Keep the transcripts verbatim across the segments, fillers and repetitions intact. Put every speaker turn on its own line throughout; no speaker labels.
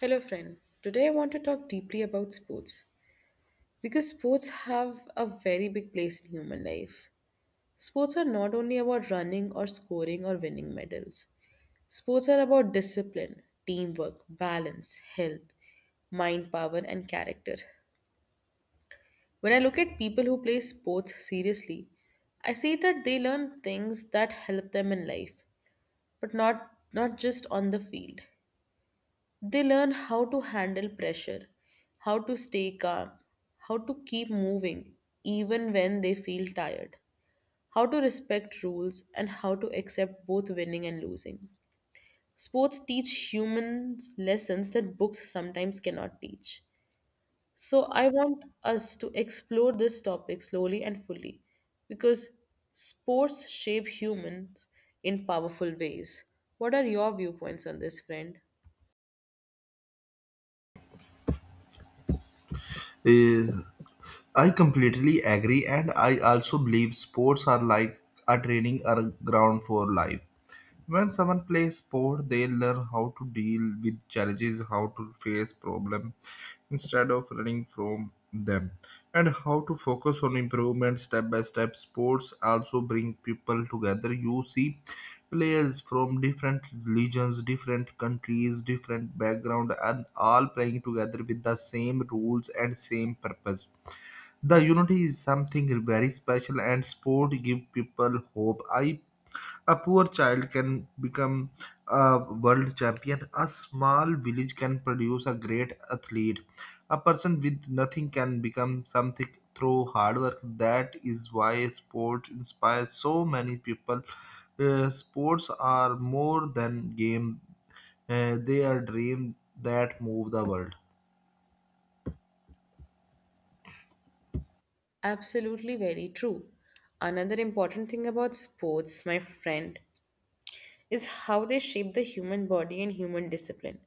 Hello, friend. Today I want to talk deeply about sports because sports have a very big place in human life. Sports are not only about running or scoring or winning medals, sports are about discipline, teamwork, balance, health, mind power, and character. When I look at people who play sports seriously, I see that they learn things that help them in life, but not, not just on the field. They learn how to handle pressure, how to stay calm, how to keep moving even when they feel tired, how to respect rules, and how to accept both winning and losing. Sports teach humans lessons that books sometimes cannot teach. So, I want us to explore this topic slowly and fully because sports shape humans in powerful ways. What are your viewpoints on this, friend?
Eh, I completely agree, and I also believe sports are like a training ar- ground for life. When someone plays sport, they learn how to deal with challenges, how to face problems instead of running from them, and how to focus on improvement step by step. Sports also bring people together. You see players from different religions, different countries, different background, and all playing together with the same rules and same purpose the unity is something very special, and sport give people hope. I a poor child can become a world champion. A small village can produce a great athlete. A person with nothing can become something through hard work. That is why sport inspires so many people. Uh, sports are more than game; uh, they are dreams that move the world.
Absolutely very true. Another important thing about sports, my friend, is how they shape the human body and human discipline.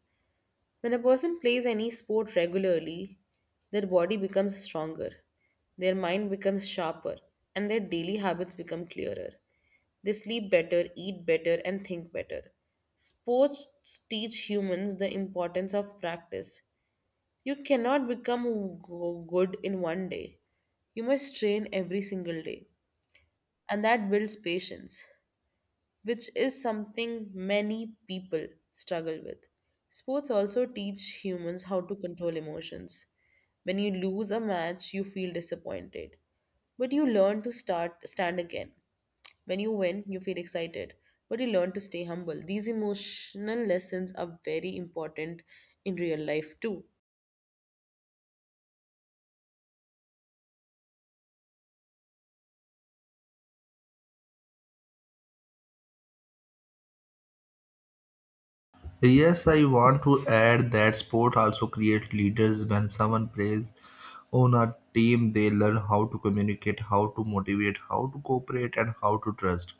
When a person plays any sport regularly, their body becomes stronger, their mind becomes sharper, and their daily habits become clearer. They sleep better, eat better, and think better. Sports teach humans the importance of practice. You cannot become go- good in one day. You must train every single day and that builds patience, which is something many people struggle with. Sports also teach humans how to control emotions. When you lose a match, you feel disappointed, but you learn to start stand again. When you win, you feel excited, but you learn to stay humble. These emotional lessons are very important in real life too.
Yes, I want to add that sport also creates leaders. When someone plays on a team, they learn how to communicate, how to motivate, how to cooperate, and how to trust.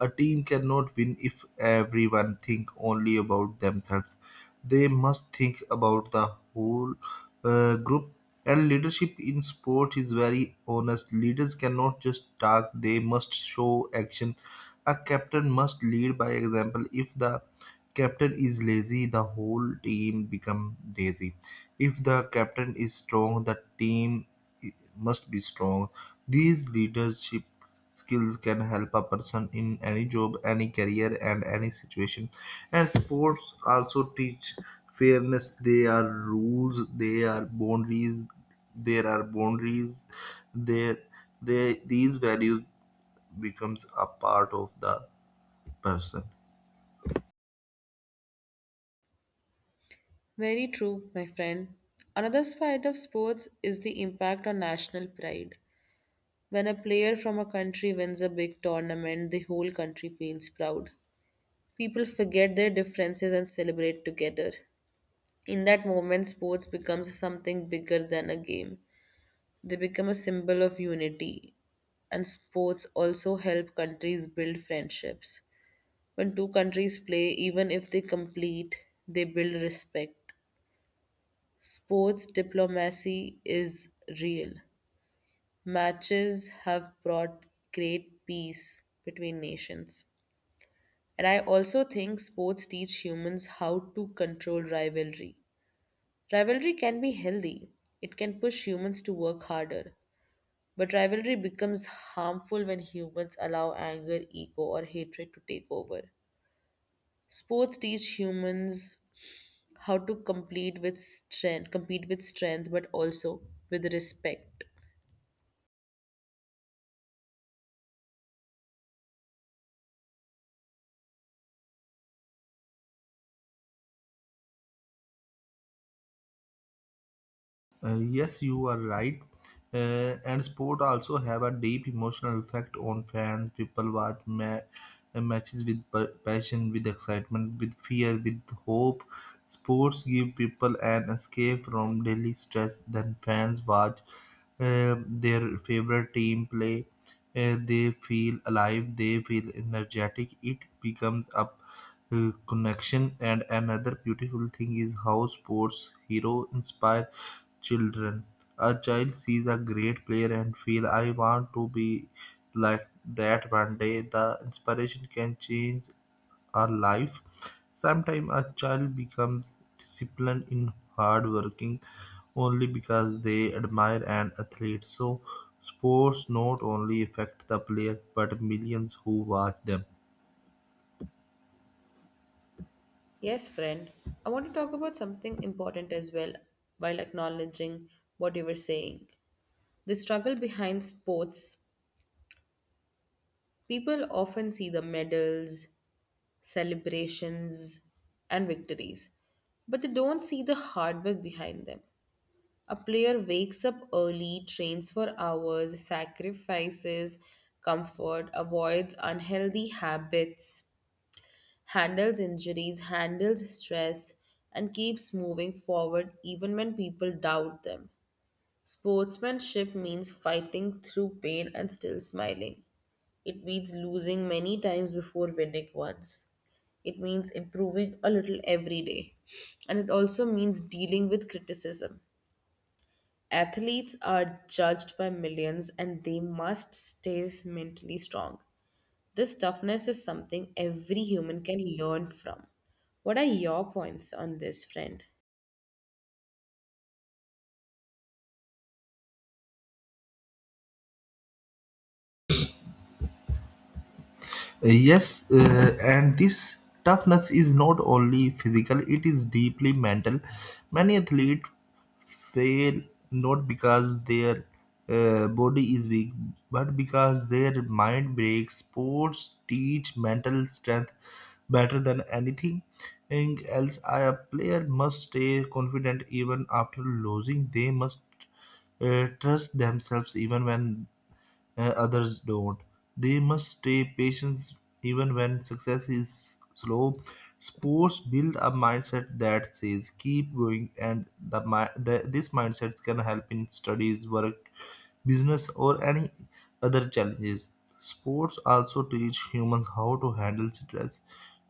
A team cannot win if everyone think only about themselves. They must think about the whole uh, group. And leadership in sport is very honest. Leaders cannot just talk; they must show action. A captain must lead by example. If the captain is lazy, the whole team become lazy. If the captain is strong, the team must be strong. These leadership skills can help a person in any job, any career, and any situation. And sports also teach fairness. There are rules, there are boundaries, there are boundaries. There, there, these values becomes a part of the person.
Very true, my friend. Another side of sports is the impact on national pride. When a player from a country wins a big tournament, the whole country feels proud. People forget their differences and celebrate together. In that moment, sports becomes something bigger than a game. They become a symbol of unity, and sports also help countries build friendships. When two countries play, even if they compete, they build respect. Sports diplomacy is real. Matches have brought great peace between nations. And I also think sports teach humans how to control rivalry. Rivalry can be healthy, it can push humans to work harder. But rivalry becomes harmful when humans allow anger, ego, or hatred to take over. Sports teach humans how to complete with strength, compete with strength, but also with respect.
Uh, yes, you are right. Uh, and sport also have a deep emotional effect on fans. People watch ma- uh, matches with pa- passion, with excitement, with fear, with hope. Sports give people an escape from daily stress. Then fans watch uh, their favorite team play. Uh, they feel alive. They feel energetic. It becomes up uh, connection. And another beautiful thing is how sports hero inspire children. A child sees a great player and feel I want to be like that one day. The inspiration can change our life. Sometimes a child becomes disciplined in hard working only because they admire an athlete. So sports not only affect the player but millions who watch them.
Yes, friend. I want to talk about something important as well while acknowledging what you were saying. The struggle behind sports, people often see the medals, celebrations, and victories, but they don't see the hard work behind them. A player wakes up early, trains for hours, sacrifices comfort, avoids unhealthy habits, handles injuries, handles stress, and keeps moving forward even when people doubt them. Sportsmanship means fighting through pain and still smiling. It means losing many times before winning once. It means improving a little every day. And it also means dealing with criticism. Athletes are judged by millions and they must stay mentally strong. This toughness is something every human can learn from. What are your points on this, friend?
Uh, Yes, uh, and this toughness is not only physical, it is deeply mental. Many athletes fail not because their uh, body is weak, but because their mind breaks. Sports teach mental strength better than anything and else. A player must stay confident even after losing, they must uh, trust themselves even when uh, others don't. They must stay patient even when success is slow. Sports build a mindset that says keep going, and the, mi- the this mindset can help in studies, work, business, or any other challenges. Sports also teach humans how to handle stress.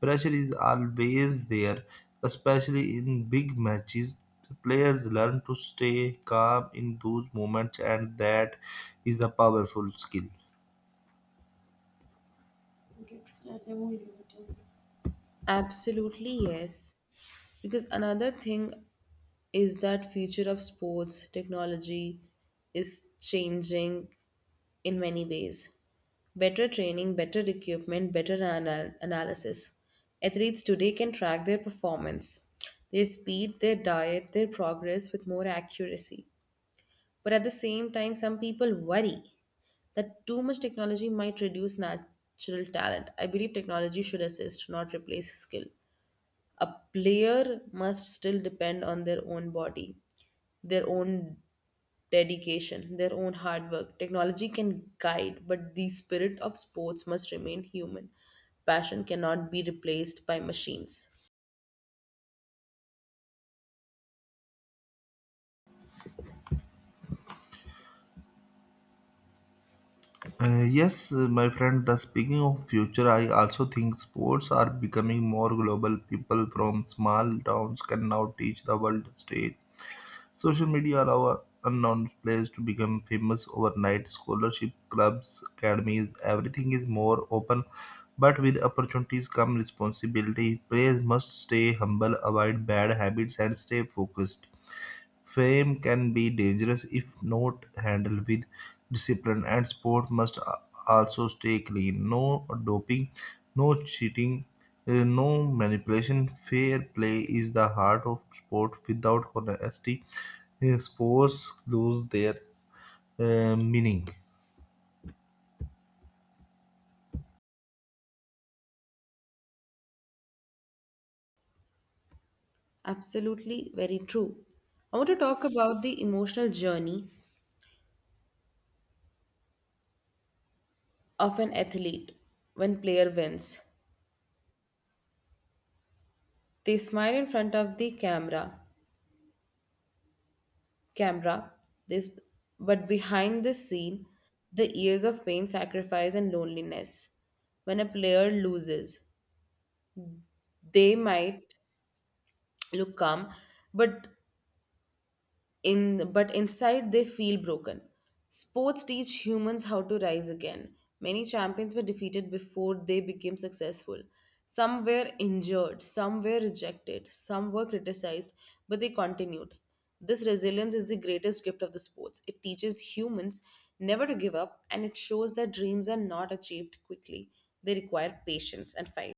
Pressure is always there, especially in big matches. Players learn to stay calm in those moments, and that is a powerful skill.
Absolutely, yes. Because another thing is that future of sports technology is changing in many ways. Better training, better equipment, better anal- analysis. Athletes today can track their performance, their speed, their diet, their progress with more accuracy. But at the same time, some people worry that too much technology might reduce natural talent. I believe technology should assist, not replace skill. A player must still depend on their own body, their own dedication, their own hard work. Technology can guide, but the spirit of sports must remain human. Passion cannot be replaced by machines.
Uh, yes, uh, my friend. The speaking of future, I also think sports are becoming more global. People from small towns can now teach the world stage. Social media allow unknown players to become famous overnight. Scholarship, clubs, academies, everything is more open, but with opportunities come responsibility. Players must stay humble, avoid bad habits, and stay focused. Fame can be dangerous if not handled with discipline, and sport must a- also stay clean. No doping, no cheating, uh, no manipulation. Fair play is the heart of sport. Without honesty, uh, sports lose their uh, meaning.
Absolutely, very true. I want to talk about the emotional journey of an athlete when player wins. They smile in front of the camera. Camera this but behind the scene the years of pain sacrifice and loneliness when a player loses they might look calm but in but inside they feel broken. Sports teach humans how to rise again. Many champions were defeated before they became successful. Some were injured, some were rejected, some were criticized, but they continued. This resilience is the greatest gift of the sports. It teaches humans never to give up and it shows that dreams are not achieved quickly. They require patience and fight.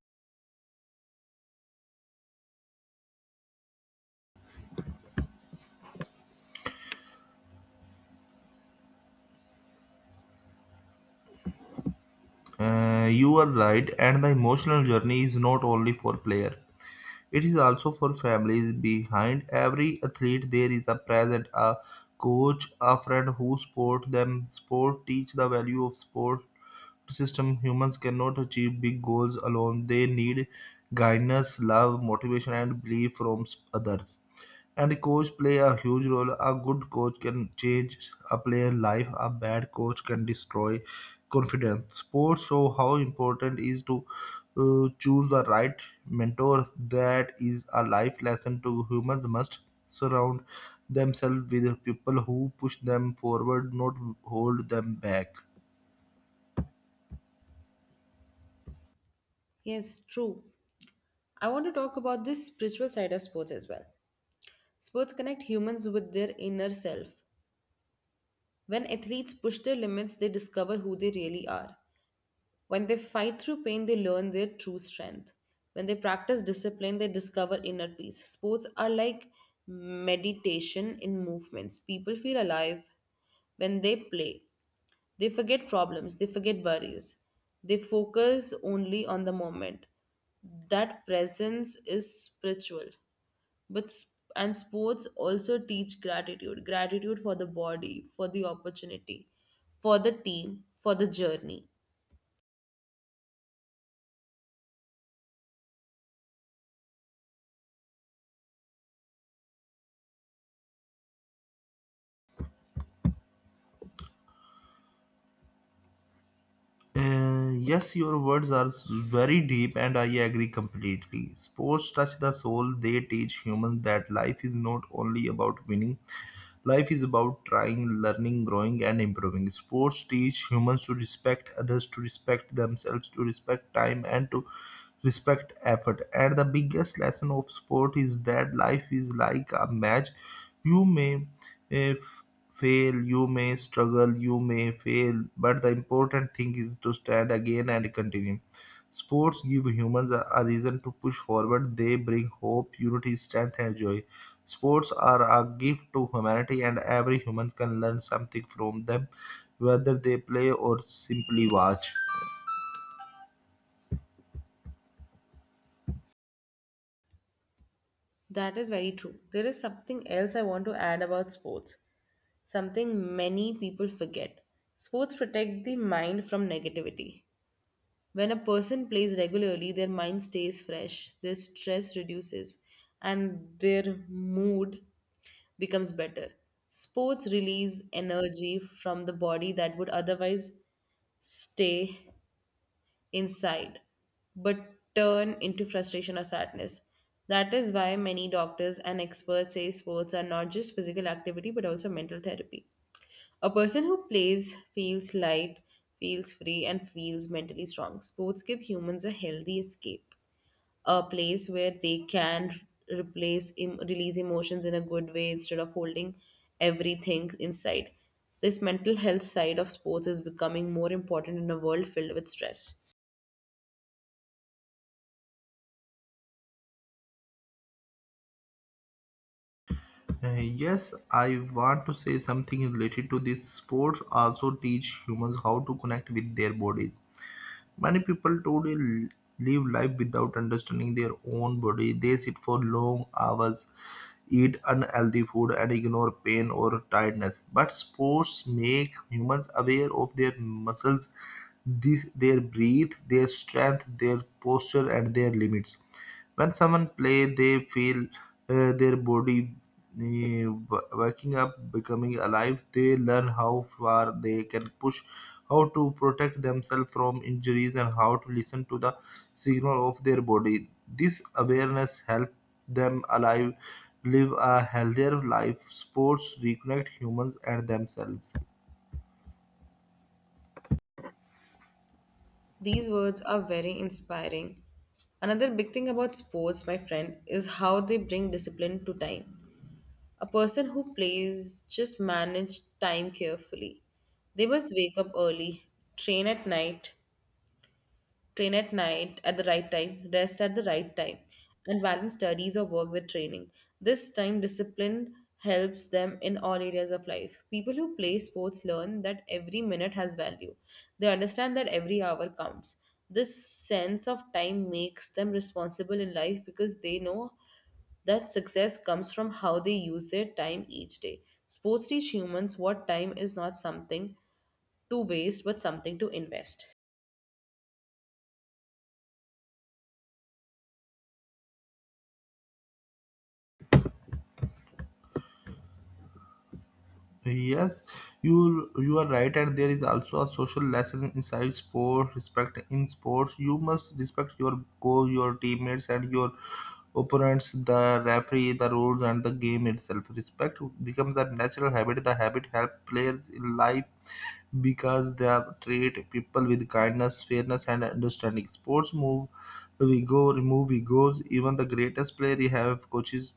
Uh, you are right, and the emotional journey is not only for player. It is also for families. Behind every athlete, there is a present, a coach, a friend who support them. Sport teach the value of sport system. Humans cannot achieve big goals alone. They need guidance, love, motivation, and belief from s- others. And the coach play a huge role. A good coach can change a player' life. A bad coach can destroy confidence. Sports show how important is to uh, choose the right mentor. That is a life lesson to humans must surround themselves with people who push them forward, not hold them back.
Yes, true. I want to talk about the spiritual side of sports as well. Sports connect humans with their inner self. When athletes push their limits, they discover who they really are. When they fight through pain, they learn their true strength. When they practice discipline, they discover inner peace. Sports are like meditation in movements. People feel alive when they play. They forget problems, they forget worries. They focus only on the moment. That presence is spiritual, but s- and sports also teach gratitude gratitude for the body, for the opportunity, for the team, for the journey.
Uh, yes, your words are very deep, and I agree completely. Sports touch the soul, they teach humans that life is not only about winning. Life is about trying, learning, growing, and improving. Sports teach humans to respect others, to respect themselves, to respect time, and to respect effort. And the biggest lesson of sport is that life is like a match. You may eh, f- fail, you may struggle, you may fail, but the important thing is to stand again and continue. Sports give humans a a reason to push forward. They bring hope, unity, strength, and joy. Sports are a gift to humanity, and every human can learn something from them, whether they play or simply watch.
That is very true. There is something else I want to add about sports, something many people forget. Sports protect the mind from negativity. When a person plays regularly their mind stays fresh, their stress reduces, and their mood becomes better. Sports release energy from the body that would otherwise stay inside but turn into frustration or sadness. That is why many doctors and experts say sports are not just physical activity but also mental therapy. A person who plays feels light, feels free, and feels mentally strong. Sports give humans a healthy escape, a place where they can r- replace em- release emotions in a good way instead of holding everything inside. This mental health side of sports is becoming more important in a world filled with stress.
Uh, yes, I want to say something related to this. Sports also teach humans how to connect with their bodies. Many people today l- live life without understanding their own body. They sit for long hours eat unhealthy food and ignore pain or tiredness. But sports make humans aware of their muscles, this, their breath, their strength, their posture, and their limits. When someone play, they feel uh, their body uh, waking up, becoming alive. They learn how far they can push, how to protect themselves from injuries, and how to listen to the signal of their body. This awareness helps them alive, live a healthier life. Sports reconnect humans and themselves.
These words are very inspiring. Another big thing about sports, my friend, is how they bring discipline to time. A person who plays just manage time carefully. They must wake up early, train at night train at night at the right time, rest at the right time, and balance studies or work with training. This time discipline helps them in all areas of life. People who play sports learn that every minute has value. They understand that every hour counts. This sense of time makes them responsible in life because they know that success comes from how they use their time each day. Sports teach humans what time is, not something to waste but something to invest.
Yes, you you are right, and there is also a social lesson inside sport. Respect in sports, you must respect your goal, your teammates, and your opponents, the referee, the rules, and the game itself. Respect becomes a natural habit. The habit helps players in life because they have treat people with kindness, fairness, and understanding. Sports move we go, remove egos. Even the greatest player you have coaches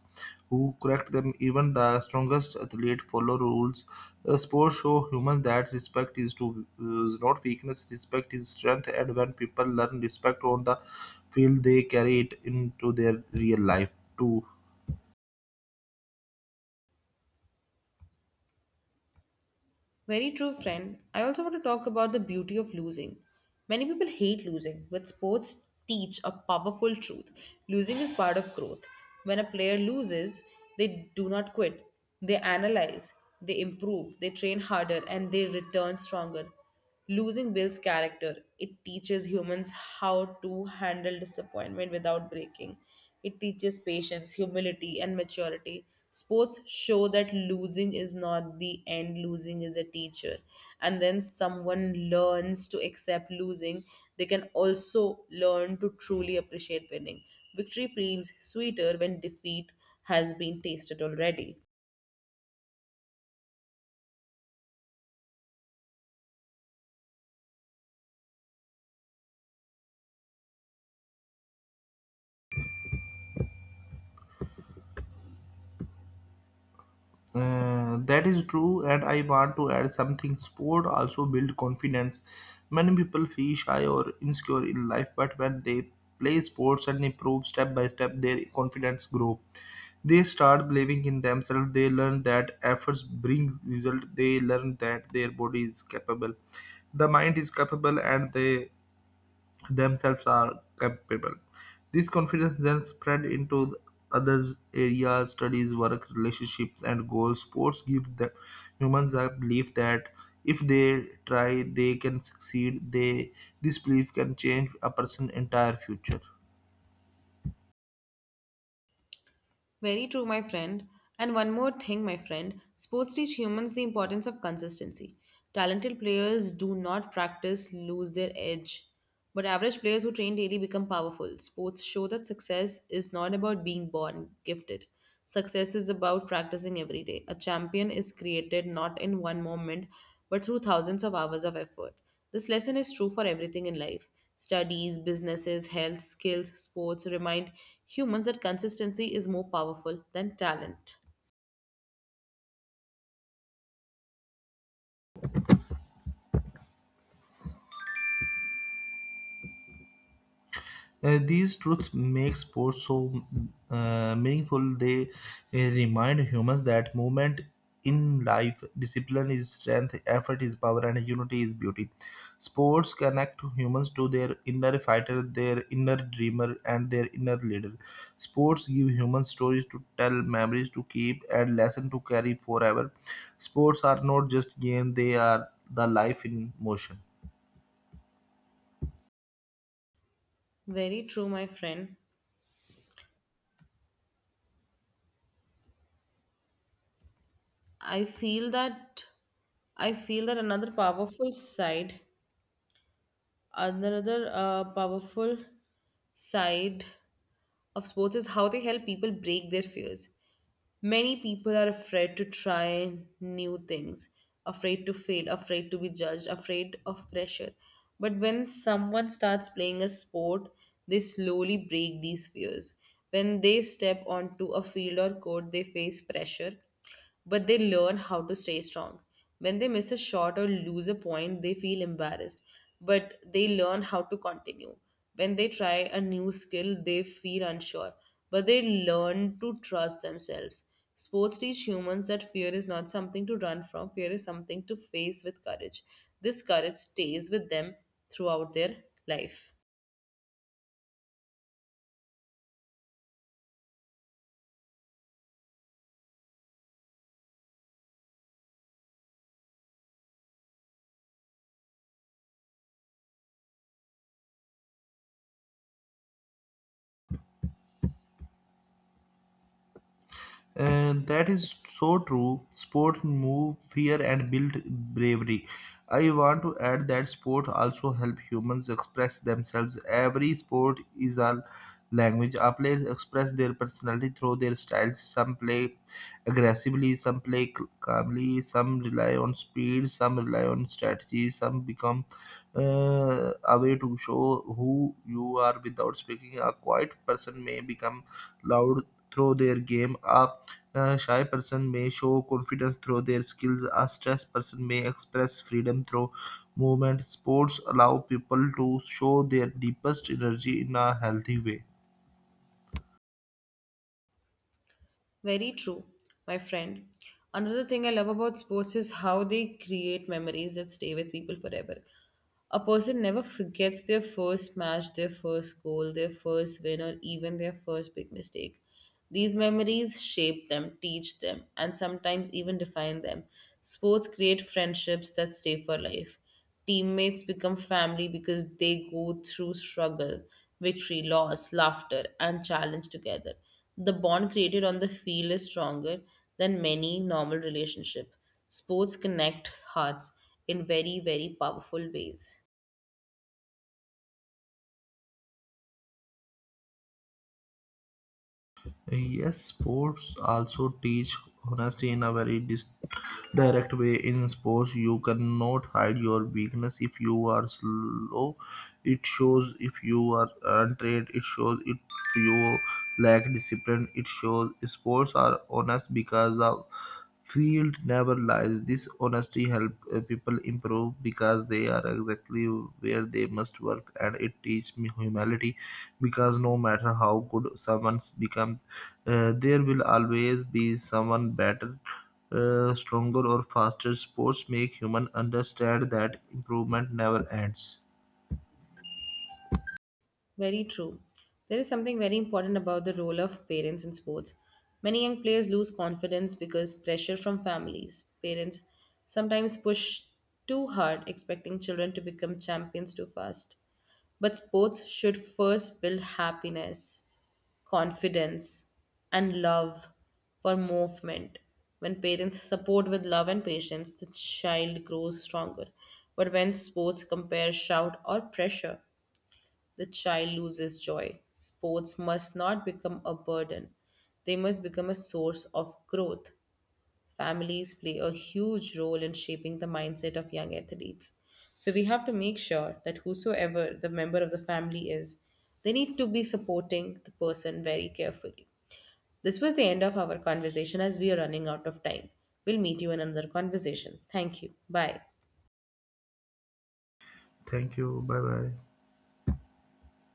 who correct them. Even the strongest athlete follow rules. Uh, sports show humans that respect is to is not weakness. Respect is strength, and when people learn respect on the field, they carry it into their real life too.
Very true, friend. I also want to talk about the beauty of losing. Many people hate losing, but sports teach a powerful truth. Losing is part of growth. When a player loses, they do not quit. They analyze, they improve, they train harder, and they return stronger. Losing Bill's character, it teaches humans how to handle disappointment without breaking. It teaches patience, humility, and maturity. Sports show that losing is not the end, losing is a teacher. And then someone learns to accept losing, they can also learn to truly appreciate winning. Victory feels sweeter when defeat has been tasted already.
Uh, that is true, and I want to add something. Sport also build confidence. Many people feel shy or insecure in life, but when they play sports and improve step by step, their confidence grow. They start believing in themselves. They learn that efforts bring result. They learn that their body is capable. The mind is capable, and they themselves are capable. This confidence then spread into the others areas, studies, work, relationships, and goals. Sports give the humans a belief that if they try, they can succeed. They this belief can change a person's entire future.
Very true, my friend. And one more thing, my friend, sports teach humans the importance of consistency. Talented players do not practice, lose their edge. But average players who train daily become powerful. Sports show that success is not about being born gifted. Success is about practicing every day. A champion is created not in one moment, but through thousands of hours of effort. This lesson is true for everything in life. Studies, businesses, health, skills, sports remind humans that consistency is more powerful than talent.
Uh, these truths make sports so uh, meaningful. They uh, remind humans that movement in life, discipline is strength, effort is power, and unity is beauty. Sports connect humans to their inner fighter, their inner dreamer, and their inner leader. Sports give humans stories to tell, memories to keep, and lessons to carry forever. Sports are not just games; they are the life in motion.
Very true, my friend. I feel that I feel that another powerful side, another uh, powerful side of sports is how they help people break their fears. Many people are afraid to try new things, afraid to fail, afraid to be judged, afraid of pressure. But when someone starts playing a sport, they slowly break these fears. When they step onto a field or court, they face pressure but they learn how to stay strong. When they miss a shot or lose a point, they feel embarrassed, but they learn how to continue. When they try a new skill, they feel unsure, but they learn to trust themselves. Sports teach humans that fear is not something to run from, fear is something to face with courage. This courage stays with them throughout their life.
And that is so true. Sports move fear and build bravery. I want to add that sports also help humans express themselves. Every sport is a language. Our players express their personality through their styles. Some play aggressively, some play c- calmly, some rely on speed, some rely on strategy, some become uh, a way to show who you are without speaking. A quiet person may become loud through their game. A uh, shy person may show confidence through their skills. A stressed person may express freedom through movement. Sports allow people to show their deepest energy in a healthy way.
Very true, my friend. Another thing I love about sports is how they create memories that stay with people forever. A person never forgets their first match, their first goal, their first win, or even their first big mistake. These memories shape them, teach them, and sometimes even define them. Sports create friendships that stay for life. Teammates become family because they go through struggle, victory, loss, laughter, and challenge together. The bond created on the field is stronger than many normal relationships. Sports connect hearts in very, very powerful ways.
Yes, sports also teach honesty in a very dis- direct way. In sports, you cannot hide your weakness. If you are slow, it shows. If you are untrained, it shows. If you lack discipline, it shows. Sports are honest because of field never lies. This honesty helps uh, people improve because they are exactly where they must work, and it teach me humility because no matter how good someone becomes, uh, there will always be someone better. Uh, stronger or faster sports make human understand that improvement never ends.
Very true. There is something very important about the role of parents in sports. Many young players lose confidence because pressure from families. Parents sometimes push too hard, expecting children to become champions too fast. But sports should first build happiness, confidence, and love for movement. When parents support with love and patience, the child grows stronger. But when sports compare shout or pressure, the child loses joy. Sports must not become a burden, they must become a source of growth. Families play a huge role in shaping the mindset of young athletes. So we have to make sure that whosoever the member of the family is, they need to be supporting the person very carefully. This was the end of our conversation as we are running out of time. We'll meet you in another conversation. Thank you. Bye.
Thank you. Bye bye.